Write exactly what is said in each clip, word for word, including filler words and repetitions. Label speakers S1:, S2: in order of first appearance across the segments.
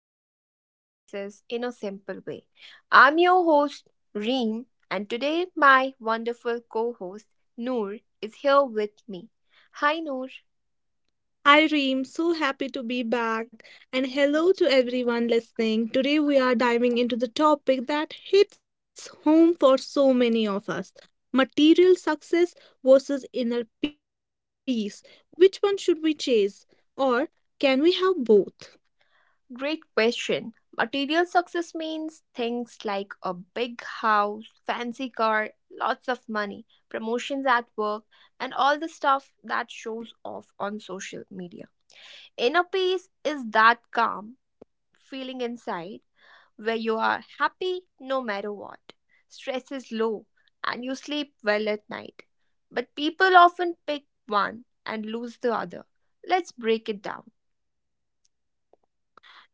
S1: life's big choices in a simple way. I'm your host, Reem, and today my wonderful co host, Noor, is here with me. Hi, Noor.
S2: Hi Reem, so happy to be back. And hello to everyone listening. Today we are diving into the topic that hits home for so many of us, material success versus inner peace. Which one should we chase? Or can we have both?
S1: Great question. Material success means things like a big house, fancy car, lots of money, promotions at work, and all the stuff that shows off on social media. Inner peace is that calm feeling inside where you are happy no matter what. Stress is low and you sleep well at night. But people often pick one and lose the other. Let's break it down.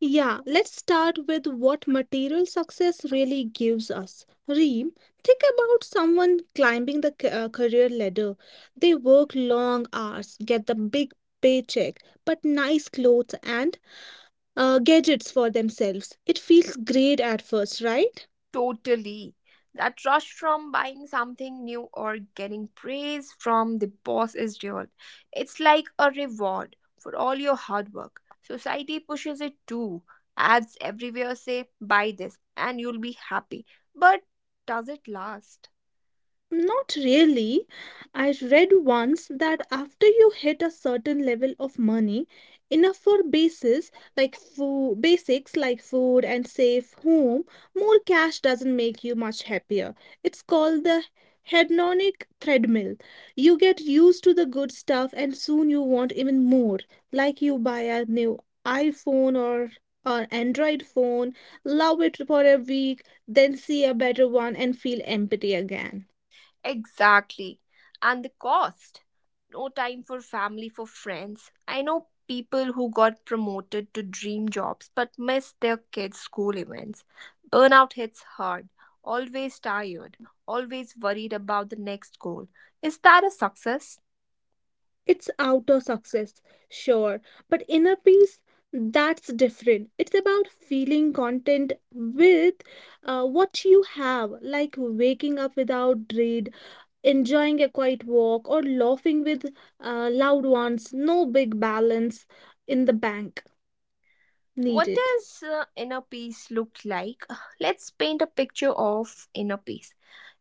S2: Yeah, let's start with what material success really gives us. Reem, think about someone climbing the ca- uh, career ladder. They work long hours, get the big paycheck, but nice clothes and uh, gadgets for themselves. It feels great at first, right?
S1: Totally. That rush from buying something new or getting praise from the boss is real. It's like a reward for all your hard work. Society pushes it too. Ads everywhere say, buy this and you'll be happy. But does it last?
S2: Not really. I read once that after you hit a certain level of money, enough for basis like food, basics like food and safe home, more cash doesn't make you much happier. It's called the hedonic treadmill. You get used to the good stuff and soon you want even more. Like you buy a new iPhone or or Android phone, love it for a week, then see a better one and feel empty again.
S1: Exactly. And the cost. No time for family, for friends. I know people who got promoted to dream jobs but missed their kids' school events. Burnout hits hard, always tired, always worried about the next goal. Is that a success?
S2: It's outer success, sure, but inner peace, that's different. It's about feeling content with uh, what you have, like waking up without dread, enjoying a quiet walk, or laughing with uh, loved ones. No big balance in the bank
S1: What
S2: needed.
S1: does uh, inner peace look like? Let's paint a picture of inner peace.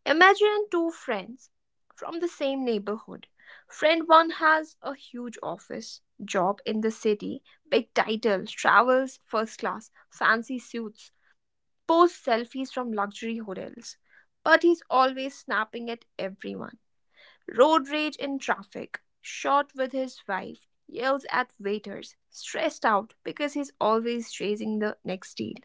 S1: Imagine two friends from the same neighborhood. Friend one has a huge office job in the city, big title, travels first class, fancy suits, posts selfies from luxury hotels. But he's always snapping at everyone. Road rage in traffic, short with his wife, yells at waiters, stressed out because he's always chasing the next deal.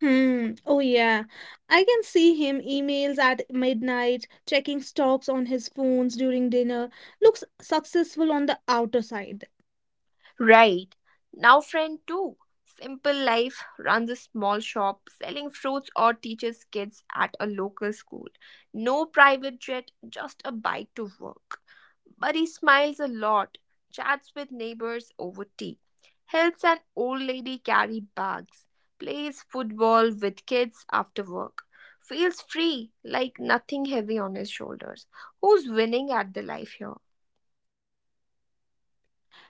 S2: Hmm. Oh yeah, I can see him emails at midnight, checking stocks on his phones during dinner. Looks successful on the outer side.
S1: Right. Now, friend two, Simple Life runs a small shop selling fruits or teaches kids at a local school. No private jet, just a bike to work. But he smiles a lot, chats with neighbors over tea, helps an old lady carry bags, plays football with kids after work, feels free, like nothing heavy on his shoulders. Who's winning at the life here?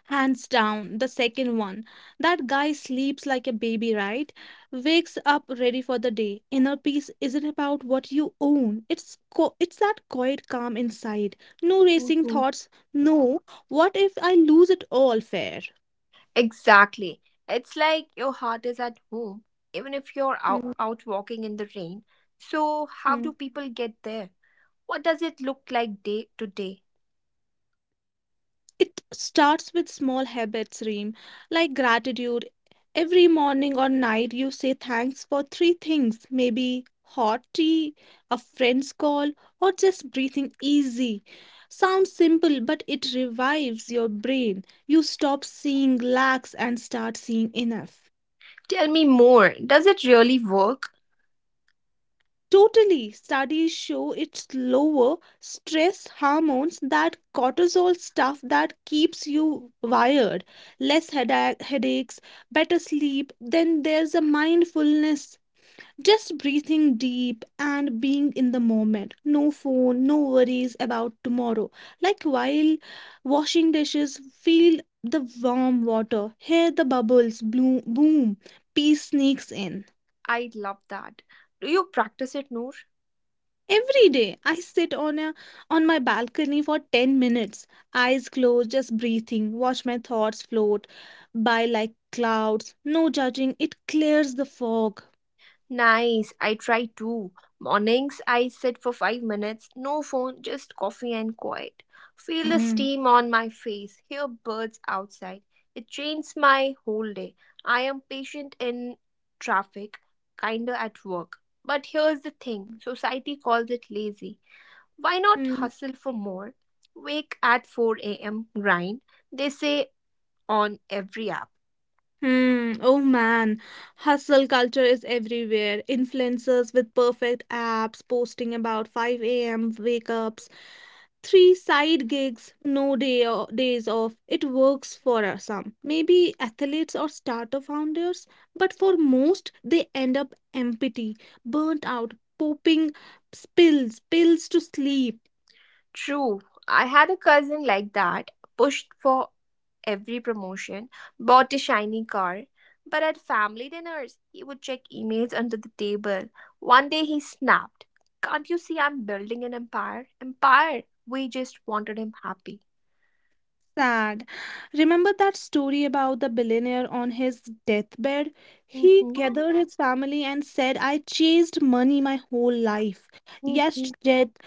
S2: Hands down, the second one. That guy sleeps like a baby, right? Wakes up ready for the day. Inner peace isn't about what you own. It's co- it's that quiet calm inside. No
S1: Mhm.
S2: racing thoughts. No, what if I lose it all fair?
S1: Exactly. It's like your heart is at home, even if you're out, out walking in the rain. So, how do
S2: Mm-hmm.
S1: people get there? What does it look like day to day?
S2: It starts with small habits, Reem, like gratitude. Every morning or night, you say thanks for three things maybe hot tea, a friend's call, or just breathing easy. Sounds simple, but it revives your brain. You stop seeing lacks and start seeing enough.
S1: Tell me more. Does it really work?
S2: Totally. Studies show it's lower stress hormones, that cortisol stuff that keeps you wired, less headache, headaches, better sleep. Then there's a mindfulness, just breathing deep and being in the moment. No phone, no worries about tomorrow. Like while washing dishes, feel the warm water, hear the bubbles bloom, boom, peace sneaks in.
S1: I love that. Do you practice it, Noor?
S2: Every day I sit on a on my balcony for ten minutes, eyes closed, just breathing, watch my thoughts float by like clouds. No judging, it clears the fog.
S1: Nice, I try too. Mornings, I sit for five minutes, no phone, just coffee and quiet. Feel the
S2: Mm.
S1: steam on my face, hear birds outside. It changes my whole day. I am patient in traffic, kinder at work. But here's the thing society calls it lazy. Why not
S2: Mm.
S1: hustle for more? Wake at four a m, grind, they say on every app.
S2: Hmm. Oh man, hustle culture is everywhere. Influencers with perfect apps posting about five a m wake ups, three side gigs, no day o- days off. It works for us some, maybe athletes or startup founders, but for most, they end up empty, burnt out, popping spills, pills to sleep.
S1: True. I had a cousin like that, pushed for every promotion, bought a shiny car. But at family dinners, he would check emails under the table. One day he snapped, Can't you see I'm building an empire? Empire! We just wanted him happy.
S2: Sad. Remember that story about the billionaire on his deathbed? He
S1: Mhm,
S2: gathered his family and said, I chased money my whole life.
S1: mhm,
S2: Yes, debt,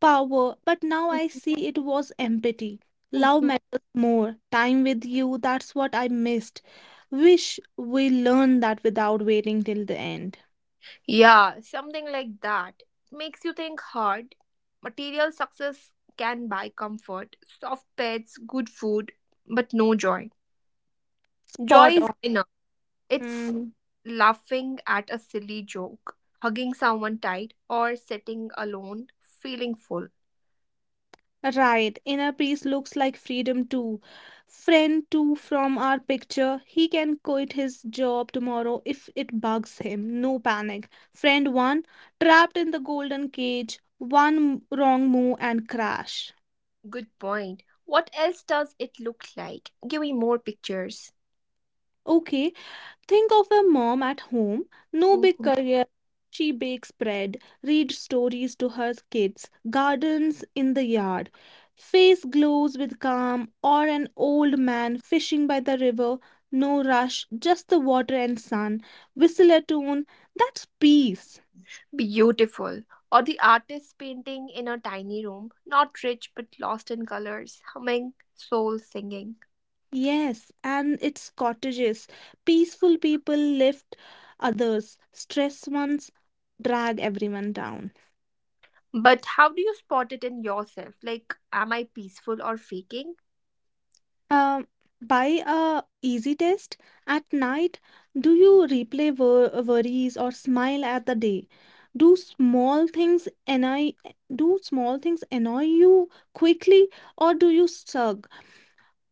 S2: power, but now I see it was empathy. Love
S1: mhm.
S2: matters more. Time with you, that's what I missed. Wish we learned that without waiting till the end.
S1: Yeah, something like that. Makes you think hard. Material success can buy comfort, soft pets, good food, but no joy. Joy
S2: Spot
S1: is
S2: on.
S1: enough. It's
S2: Hmm.
S1: laughing at a silly joke, hugging someone tight, or sitting alone, feeling full.
S2: Right, inner peace looks like freedom too. Friend too from our picture, he can quit his job tomorrow if it bugs him. No panic. Friend one, trapped in the golden cage, one wrong move and crash.
S1: Good point. What else does it look like? Give me more pictures.
S2: Okay, think of a mom at home, no big
S1: Mhm.
S2: career. She bakes bread, reads stories to her kids, gardens in the yard. Face glows with calm, or an old man fishing by the river, no rush, just the water and sun. Whistle a tune, that's peace.
S1: Beautiful. Or the artist painting in a tiny room, not rich but lost in colors, humming, soul singing.
S2: Yes, and it's cottages. Peaceful people lift others, stress ones drag everyone down.
S1: But how do you spot it in yourself? Like, am I peaceful or faking?
S2: Um, by a easy test at night, do you replay wor- worries or smile at the day? Do small things annoy do small things annoy you quickly or do you shrug?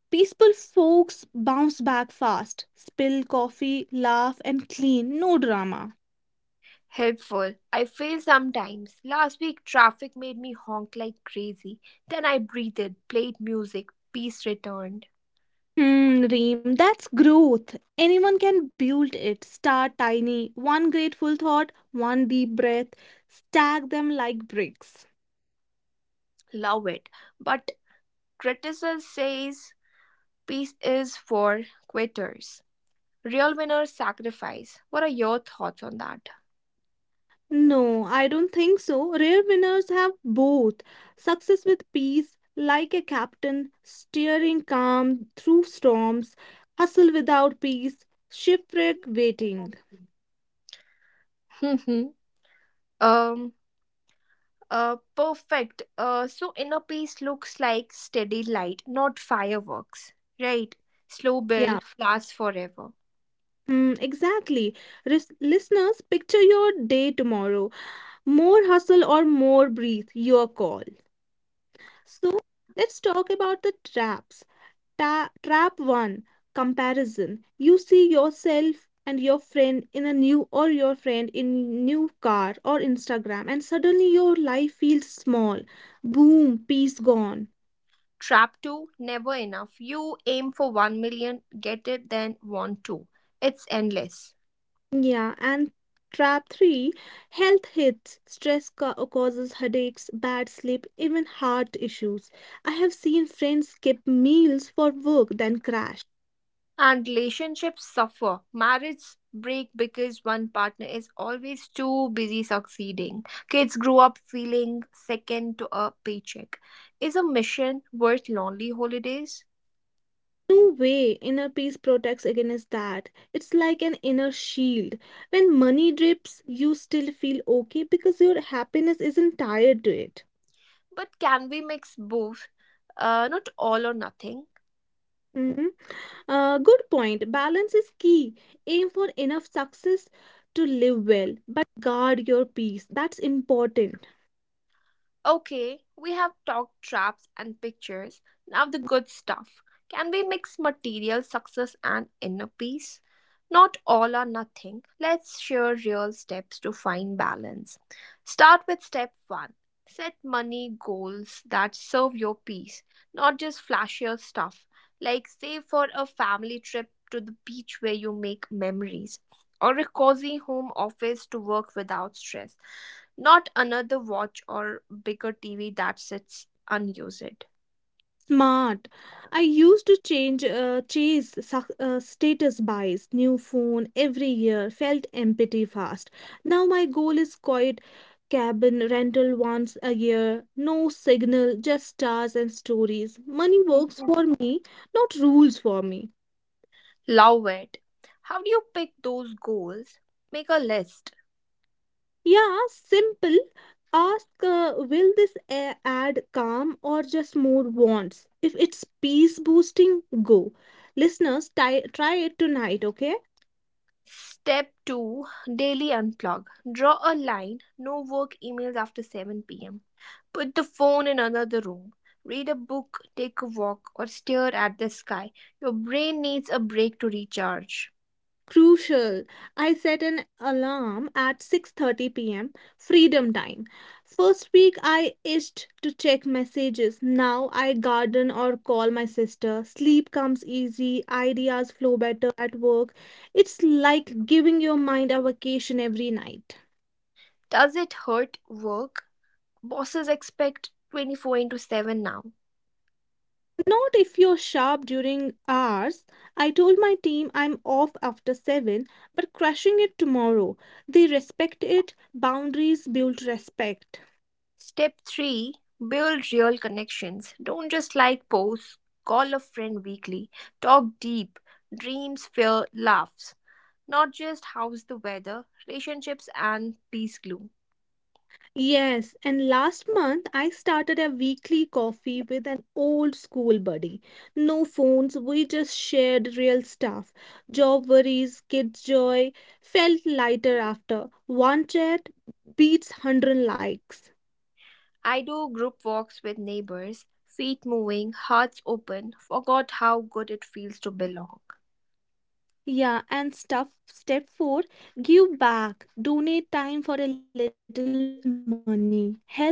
S2: Peaceful folks bounce back fast, spill coffee, laugh and clean, no drama.
S1: Helpful. I fail sometimes. Last week, traffic made me honk like crazy. Then I breathed, played music, peace returned.
S2: Hmm, Reem, that's growth. Anyone can build it. Start tiny, one grateful thought, one deep breath, stack them like bricks.
S1: Love it. But criticism says peace is for quitters. Real winners sacrifice. What are your thoughts on that?
S2: No, I don't think so. Rare winners have both success with peace, like a captain, steering calm through storms, hustle without peace, shipwreck waiting.
S1: Mhm. um uh perfect. Uh so inner peace looks like steady light, not fireworks. Right? Slow
S2: Yeah,
S1: build, lasts forever.
S2: mm, exactly. Ris- listeners, picture your day tomorrow. More hustle or more breathe, your call. So let's talk about the traps. Ta- trap one, comparison. You see yourself and your friend in a new or your friend in new car or Instagram and suddenly your life feels small. Boom, peace gone.
S1: Trap two. Never enough. You aim for 1 million, get it, then want two. It's endless.
S2: Yeah, and trap three, health hits. Stress ca- causes headaches, bad sleep, even heart issues. I have seen friends skip meals for work then crash.
S1: And relationships suffer. Marriages break because one partner is always too busy succeeding. Kids grow up feeling second to a paycheck. Is a mission worth lonely holidays?
S2: No way, inner peace protects against that. It's like an inner shield. When money drips, you still feel okay because your happiness isn't tied to it.
S1: But can we mix both? Uh, not all or nothing.
S2: Mhm. Uh, good point. Balance is key. Aim for enough success to live well, but guard your peace. That's important.
S1: Okay, we have talked traps and pictures. Now the good stuff. Can we mix material success and inner peace? Not all or nothing. Let's share real steps to find balance. Start with step one. Set money goals that serve your peace, not just flashier stuff. Like save for a family trip to the beach where you make memories, or a cozy home office to work without stress, not another watch or bigger T V that sits unused.
S2: Smart. I used to change uh, chase suc- uh, status buys, new phone every year, felt empty fast. Now my goal is quiet cabin rental once a year, no signal, just stars and stories. Money works
S1: Mhm.
S2: for me, not rules for me.
S1: Love it. How do you pick those goals? Make a list.
S2: Yeah, simple. Ask uh, will this a- add calm or just more wants? If it's peace boosting, go. Listeners, ti- try it tonight, okay?
S1: Step two. Daily unplug. Draw a line, no work emails after seven p m. Put the phone in another room. Read a book, take a walk, or stare at the sky. Your brain needs a break to recharge.
S2: Crucial. I set an alarm at six thirty p m, freedom time. First week I itched to check messages, now I garden or call my sister, sleep comes easy, ideas flow better at work. It's like giving your mind a vacation every night.
S1: Does it hurt work? Bosses expect twenty four into seven now.
S2: Not if you're sharp during hours. I told my team I'm off after seven, but crushing it tomorrow. They respect it. Boundaries build respect.
S1: Step three, build real connections. Don't just like posts. Call a friend weekly. Talk deep. Dreams, fear, laughs. Not just how's the weather. Relationships and peace glue.
S2: Yes, and last month I started a weekly coffee with an old school buddy. No phones, we just shared real stuff. Job worries, kids' joy. Felt lighter after. One chat beats one hundred likes.
S1: I do group walks with neighbors, feet moving, hearts open, forgot how good it feels to belong.
S2: Yeah, and stuff step four, give back. Donate time for a little money. Help at a shelter.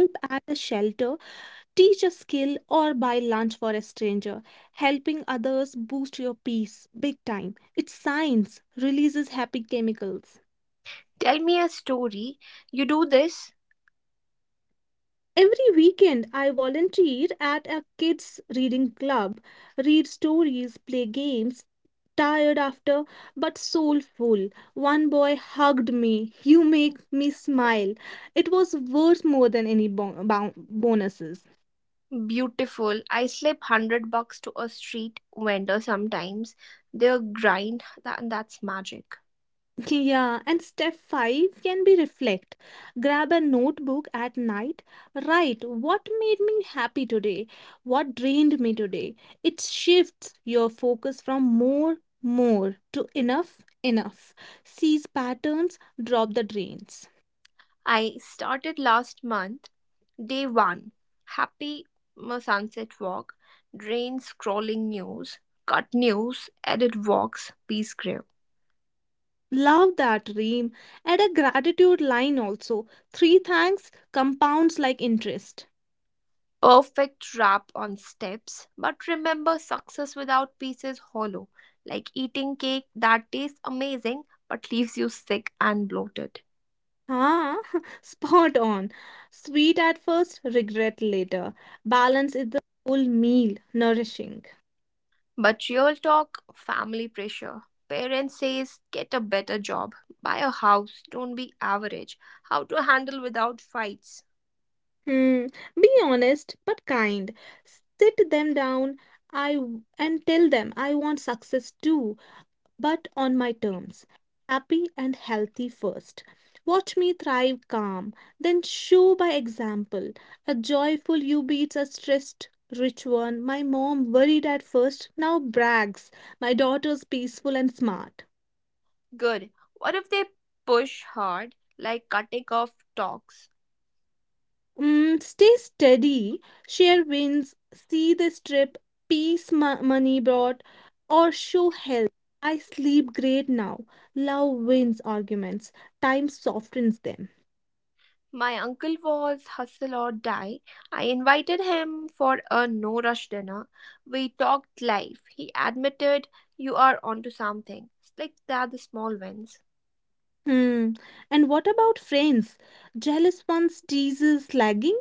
S2: Teach a skill or buy lunch for a stranger. Helping others boost your peace big time. It's science, releases happy chemicals.
S1: Tell me a story. You do this?
S2: Every weekend, I volunteer at a kids' reading club, read stories, play games, tired after, but soulful. One boy hugged me. You make me smile. It was worth more than any bon- bon- bonuses.
S1: Beautiful. I slip one hundred bucks to a street vendor sometimes. Their grind, that, that's magic.
S2: Yeah, and step five can be reflect. Grab a notebook at night, write what made me happy today, what drained me today. It shifts your focus from more, more to enough, enough. Seize patterns, drop the drains.
S1: I started last month. Day one. Happy, mm, sunset walk. Drain, scrolling news. Cut news, edit walks, peace grave.
S2: Love that ream. Add a gratitude line also. Three thanks compounds like interest.
S1: Perfect wrap on steps, but remember success without peace is hollow, like eating cake that tastes amazing but leaves you sick and bloated.
S2: Ah, spot on. Sweet at first, regret later. Balance is the whole meal, nourishing.
S1: But real talk, family pressure. Parents says get a better job, buy a house, don't be average. How to handle without fights.
S2: Hmm. Be honest but kind. Sit them down, I w- and tell them I want success too, but on my terms. Happy and healthy first. Watch me thrive calm, then show by example. A joyful you beats a stressed rich one. My mom worried at first, now brags. My daughter's peaceful and smart.
S1: Good. What if they push hard, like cutting off talks?
S2: Mm, stay steady, share wins, see this trip, peace mo- money brought, or show health. I sleep great now. Love wins arguments, time softens them.
S1: My uncle was hustle or die. I invited him for a no rush dinner. We talked life. He admitted you are onto something. It's like that the small wins.
S2: Hmm. And what about friends? Jealous ones teases lagging?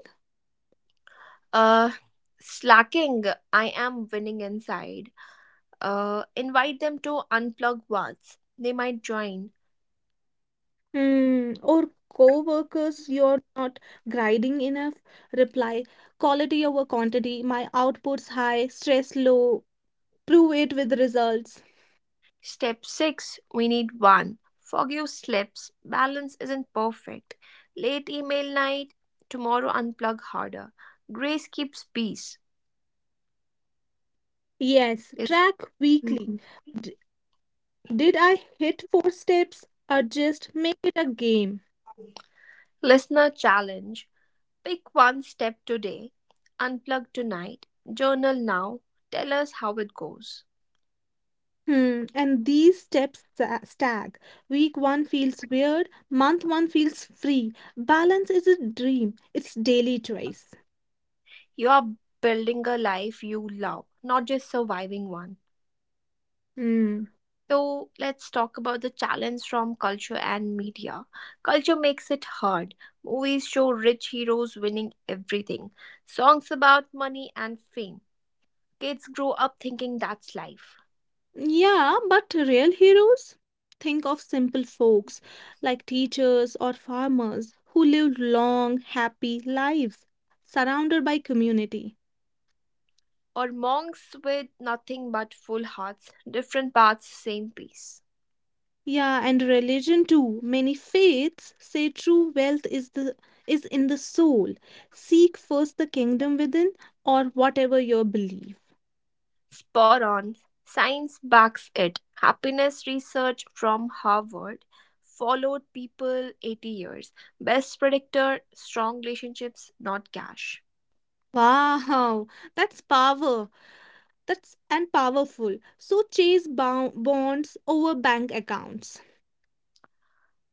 S1: uh Slacking. I am winning inside. Uh invite them to unplug once, they might join.
S2: Hmm. Or co-workers, you're not grinding enough? Reply, quality over quantity, my output's high, stress low, prove it with results.
S1: Step six, we need one, forgive slips. Balance isn't perfect. Late email night, tomorrow unplug harder. Grace keeps peace.
S2: Yes, track
S1: Is
S2: weekly.
S1: Mhm.
S2: D- did I hit four steps or just make it a game?
S1: Listener challenge: pick one step today. Unplug tonight, journal now, tell us how it goes.
S2: Hmm, and these steps sta- stack. Week one feels weird, month one feels free. Balance is a dream, it's daily choice.
S1: You are building a life you love, not just surviving one.
S2: Hmm.
S1: So let's talk about the challenge from culture and media. Culture makes it hard. Movies show rich heroes winning everything, songs about money and fame. Kids grow up thinking that's life.
S2: Yeah, but real heroes? Think of simple folks like teachers or farmers who lived long, happy lives surrounded by community.
S1: Or monks with nothing but full hearts, different paths, same peace.
S2: Yeah, and religion too. Many faiths say true wealth is the is in the soul. Seek first the kingdom within or whatever your belief.
S1: Spot on. Science backs it. Happiness research from Harvard followed people eighty years. Best predictor: strong relationships, not cash.
S2: Wow, that's power. That's and powerful. So chase bo- bonds over bank accounts.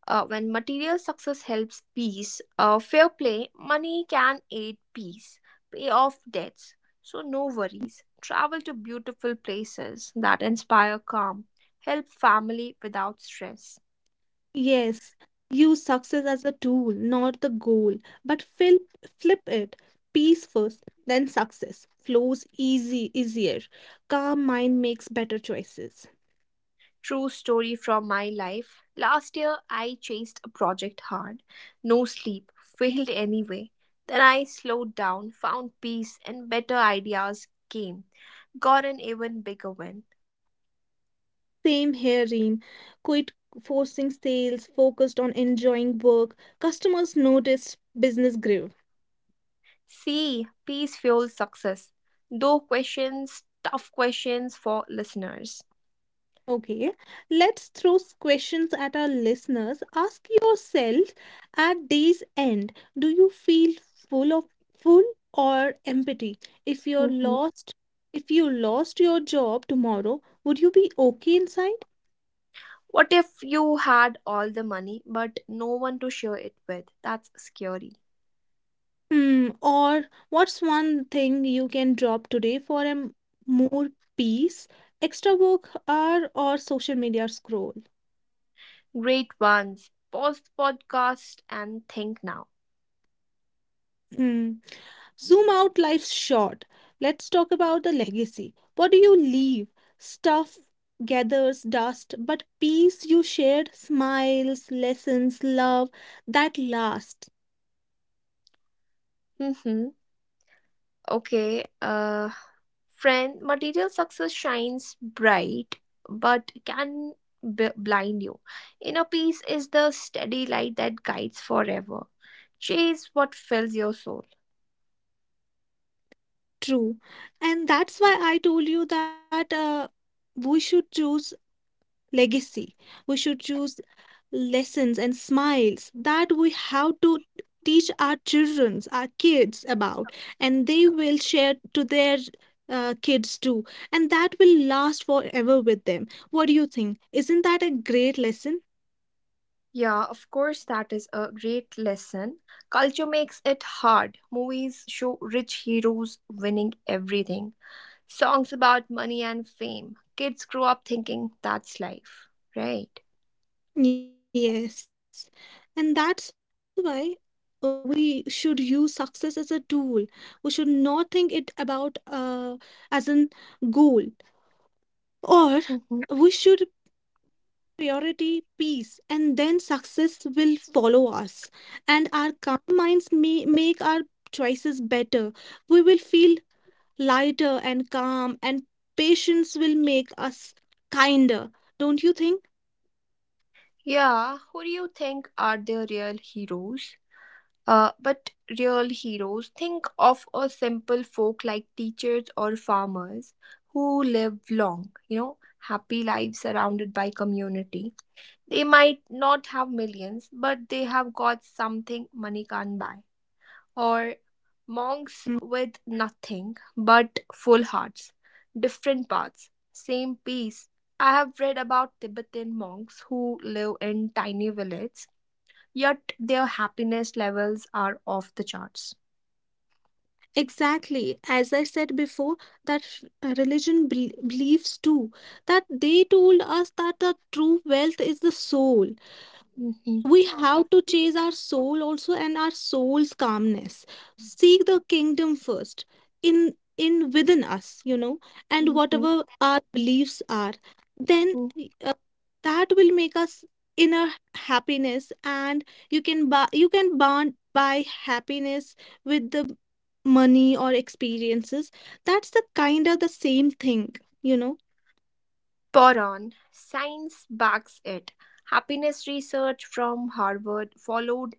S1: Uh, when material success helps peace, uh, fair play, money can aid peace, pay off debts. So, no worries. Travel to beautiful places that inspire calm, help family without stress.
S2: Yes, use success as a tool, not the goal, but flip flip it. Peace first, then success flows easy easier. Calm mind makes better choices.
S1: True story from my life. Last year, I chased a project hard. No sleep, failed anyway. Then I slowed down, found peace, and better ideas came. Got an even bigger win.
S2: Same here, Reem. Quit forcing sales, focused on enjoying work. Customers noticed business grew.
S1: See, peace fuels success. Though questions, tough questions for listeners.
S2: Okay, let's throw s- questions at our listeners. Ask yourself at day's end, do you feel full of full or empty? If you're lost, if you lost your job tomorrow, would you be okay inside?
S1: What if you had all the money but no one to share it with? That's scary.
S2: Hmm, or what's one thing you can drop today for a m- more peace? Extra work hour or social media scroll?
S1: Great ones. Pause the podcast and think now.
S2: Hmm. Zoom out, life's short. Let's talk about the legacy. What do you leave? Stuff gathers dust, but peace you shared, smiles, lessons, love, that lasts.
S1: Mm-hmm. Okay. Uh friend, material success shines bright but can b- blind you. Inner peace is the steady light that guides forever. Chase what fills your soul.
S2: True. And that's why I told you that uh, we should choose legacy. We should choose lessons and smiles that we have to teach our children, our kids about, and they will share to their uh, kids too, and that will last forever with them. What do you think? Isn't that a great lesson?
S1: Yeah, of course, that is a great lesson. Culture makes it hard. Movies show rich heroes winning everything, songs about money and fame. Kids grow up thinking that's life, right?
S2: Yes, and that's why. Uh, we should use success as a tool. We should not think it about uh, as an goal, or we should
S1: Mhm.
S2: purity, peace, and then success will follow us. And our calm minds may make our choices better. We will feel lighter and calm, and patience will make us kinder. Don't you think?
S1: Yeah, who do you think are the real heroes? Uh, but real heroes, think of a simple folk like teachers or farmers who live long, you know, happy lives surrounded by community. They might not have millions, but they have got something money can't buy. Or monks
S2: Mm.
S1: with nothing but full hearts, different paths, same peace. I have read about Tibetan monks who live in tiny villages yet their happiness levels are off the charts.
S2: Exactly. As I said before, that uh, religion bel- believes too that they told us that the true wealth is the soul.
S1: Mhm,
S2: We have to chase our soul also, and our soul's calmness, seek the kingdom first in in within us, you know, and
S1: mhm,
S2: whatever our beliefs are, then,
S1: mhm.
S2: uh, that will make us inner happiness. And you can buy you can bond buy happiness with the money or experiences. That's the kind of the same thing, you know.
S1: Boron, science backs it. Happiness research from Harvard followed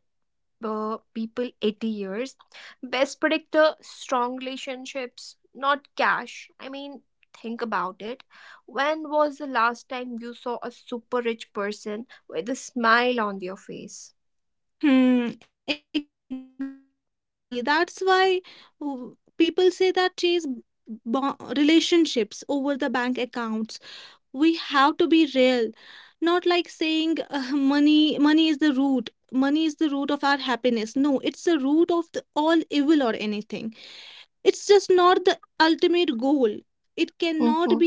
S1: uh, people eighty years. Best predictor, strong relationships, not cash. I mean, think about it. When was the last time you saw a super rich person with a smile on their face?
S2: Hmm, exactly. That's why w- people say that chase bo relationships over the bank accounts. We have to be real, not like saying uh, money money is the root. Money is the root of our happiness. No, it's the root of the, all evil or anything. It's just not the ultimate goal. It cannot be
S1: Mhm,
S2: our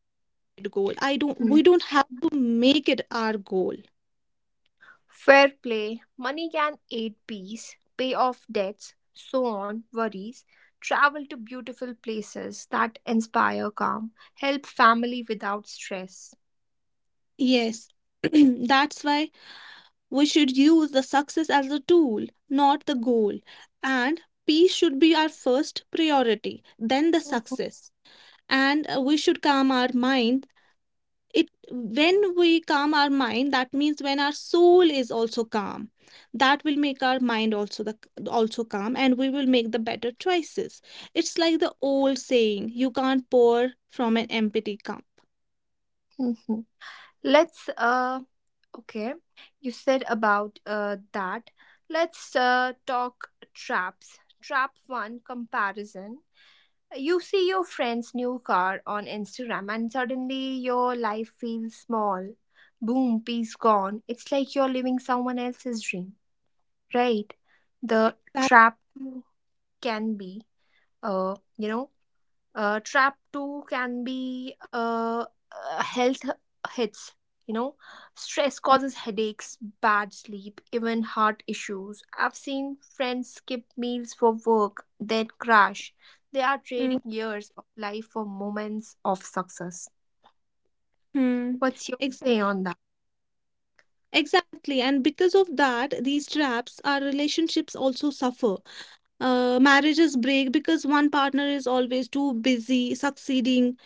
S2: ultimate goal. I don't, we
S1: mhm.
S2: don't have to make it our goal.
S1: Fair play, money can aid peace, pay off debts, so on, worries, travel to beautiful places that inspire calm, help family without stress.
S2: Yes, that's why we should use the success as a tool, not the goal. And peace should be our first priority, then the
S1: Mm-hmm.
S2: success. And uh, we should calm our mind. It when we calm our mind, that means when our soul is also calm. That will make our mind also the also calm, and we will make the better choices. It's like the old saying, you can't pour from an empty cup.
S1: Mhm. Let's uh Okay. You said about uh that. Let's uh talk traps. Trap one, comparison. You see your friend's new car on Instagram, and suddenly your life feels small. Boom, peace gone. It's like you're living someone else's dream, right? The trap can be, uh, you know, uh, Trap two can be, uh, uh, health hits, you know stress causes headaches, bad sleep, even heart issues. I've seen friends skip meals for work, then crash. They are trading years of life for moments of success.
S2: Mm-hmm.
S1: What's your
S2: Exa
S1: say on that?
S2: exactly. And because of that, these traps, our relationships also suffer. Uh, marriages break because one partner is always too busy succeeding.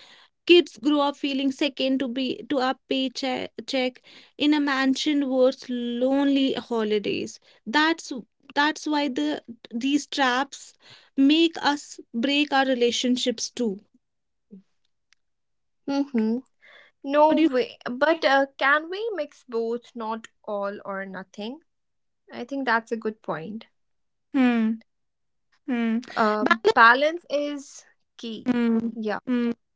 S2: Kids grow up feeling second to be to a paycheck check in a mansion worth lonely holidays. That's that's why the these traps make us break our relationships too.
S1: Hmm. No
S2: What do you?
S1: way. But uh, can we mix both, not all or nothing? I think that's a good point.
S2: Hmm. Hmm.
S1: Uh,
S2: Balance.
S1: Balance is key.
S2: Hmm.
S1: Yeah.
S2: Hmm.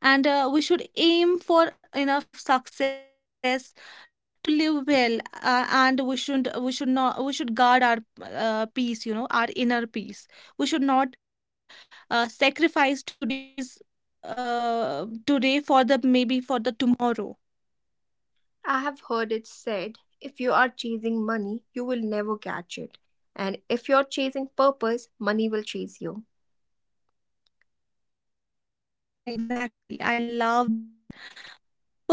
S2: And uh, we should aim for enough success to live well, uh, and we should we should not we should guard our uh, peace, you know, our inner peace. We should not uh, sacrifice today's uh, today for the maybe for the tomorrow.
S1: I have heard it said, if you are chasing money, you will never catch it. And if you're chasing purpose, money will chase you.
S2: Exactly, I love that.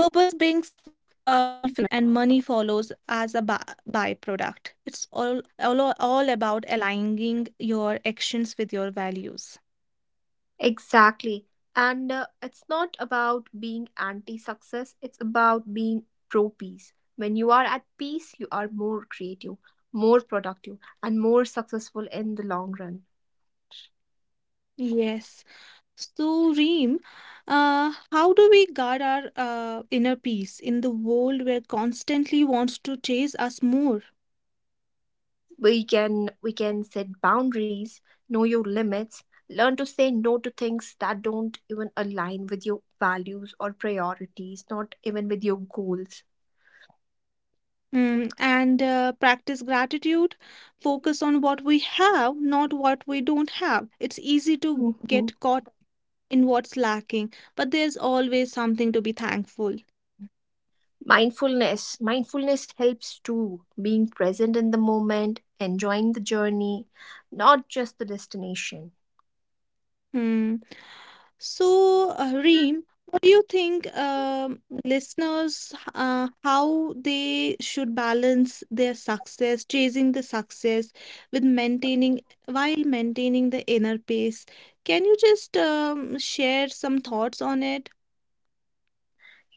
S2: Purpose brings uh, fulfillment, and money follows as a by- byproduct. It's all, all all about aligning your actions with your values.
S1: Exactly. And uh, it's not about being anti success, it's about being pro peace. When you are at peace, you are more creative, more productive, and more successful in the long run.
S2: Yes. So, Reem, uh, how do we guard our uh, inner peace in the world where constantly wants to chase us more?
S1: We can we can set boundaries, know your limits, learn to say no to things that don't even align with your values or priorities, not even with your goals.
S2: Mm, and uh, practice gratitude, focus on what we have, not what we don't have. It's easy to
S1: Mhm.
S2: get caught in what's lacking, but there's always something to be thankful.
S1: Mindfulness. Mindfulness helps too, being present in the moment, enjoying the journey, not just the destination.
S2: Hmm. So, uh, Reem, what do you think, um, listeners, h- uh, how they should balance their success, chasing the success with maintaining while maintaining the inner peace? Can you just um, share some thoughts on it?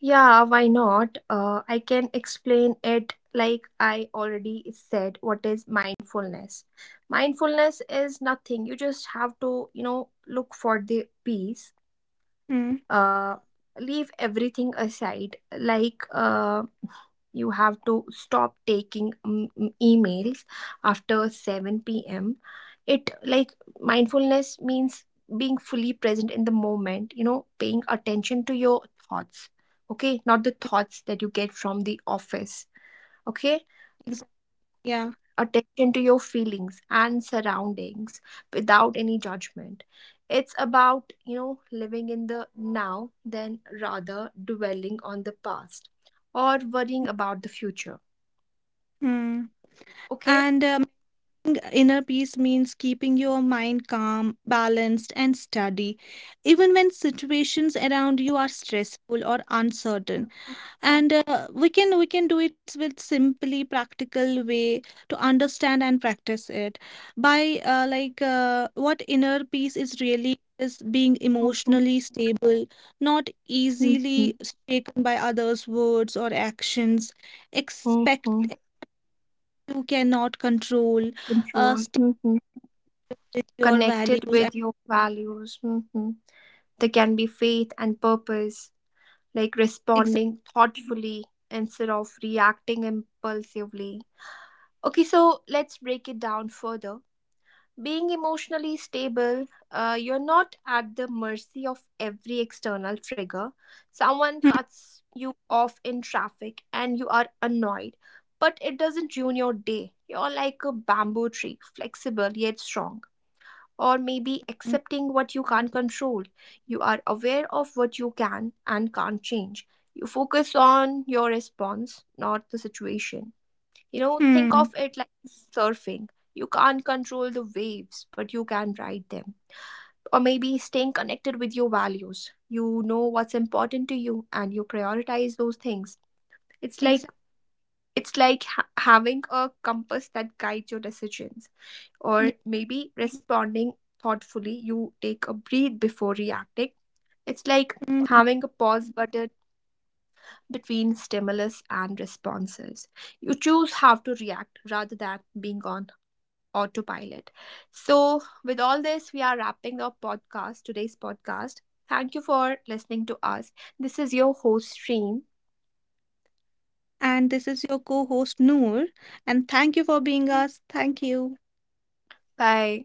S1: Yeah, why not? Uh, I can explain it like I already said what is mindfulness. Mindfulness is nothing. You just have to, you know, look for the peace.
S2: Hmm.
S1: uh, Leave everything aside, like, uh, you have to stop taking um, um, emails after seven p.m. It, like, mindfulness means being fully present in the moment, you know paying attention to your thoughts. Okay, not the thoughts that you get from the office. Okay.
S2: Exactly. Yeah.
S1: Attention to your feelings and surroundings without any judgment. It's about, you know living in the now, than rather dwelling on the past or worrying about the future.
S2: Hmm.
S1: Okay.
S2: And um, inner peace means keeping your mind calm, balanced, and steady, even when situations around you are stressful or uncertain. And uh, we can we can do it with simply practical way to understand and practice it by uh, like uh, what inner peace is really is being
S1: Mhm.
S2: emotionally stable, not
S1: Mhm.
S2: easily shaken by others' words or actions, expect
S1: Mhm.
S2: you cannot control, uh,
S1: Control. Mhm.
S2: with your values
S1: Connected
S2: and
S1: with your values. Mhm. There can be faith and purpose, like
S2: exact.
S1: responding thoughtfully instead of reacting impulsively. Okay, so let's break it down further. Being emotionally stable, uh, you're not at the mercy of every external trigger. Someone
S2: Hmm.
S1: cuts you off in traffic and you are annoyed, but it doesn't ruin your day. You're like a bamboo tree, flexible yet strong. Or maybe accepting what you can't control. You are aware of what you can and can't change. You focus on your response, not the situation. You know, think of
S2: Hmm.
S1: it like surfing. You can't control the waves, but you can ride them. Or maybe staying connected with your values. You know what's important to you and you prioritize those things. It's like
S2: Exact.
S1: it's like ha- having a compass that guides your decisions. Or
S2: Yeah.
S1: maybe responding thoughtfully, you take a breathe before reacting. It's like having a
S2: Hmm.
S1: pause button between stimulus and responses. You choose how to react rather than being on autopilot. So, with all this, we are wrapping up podcast today's podcast. Thank you for listening to us. This is your host stream.
S2: And this is your co-host Noor, and thank you for being us. Thank you.
S1: Bye.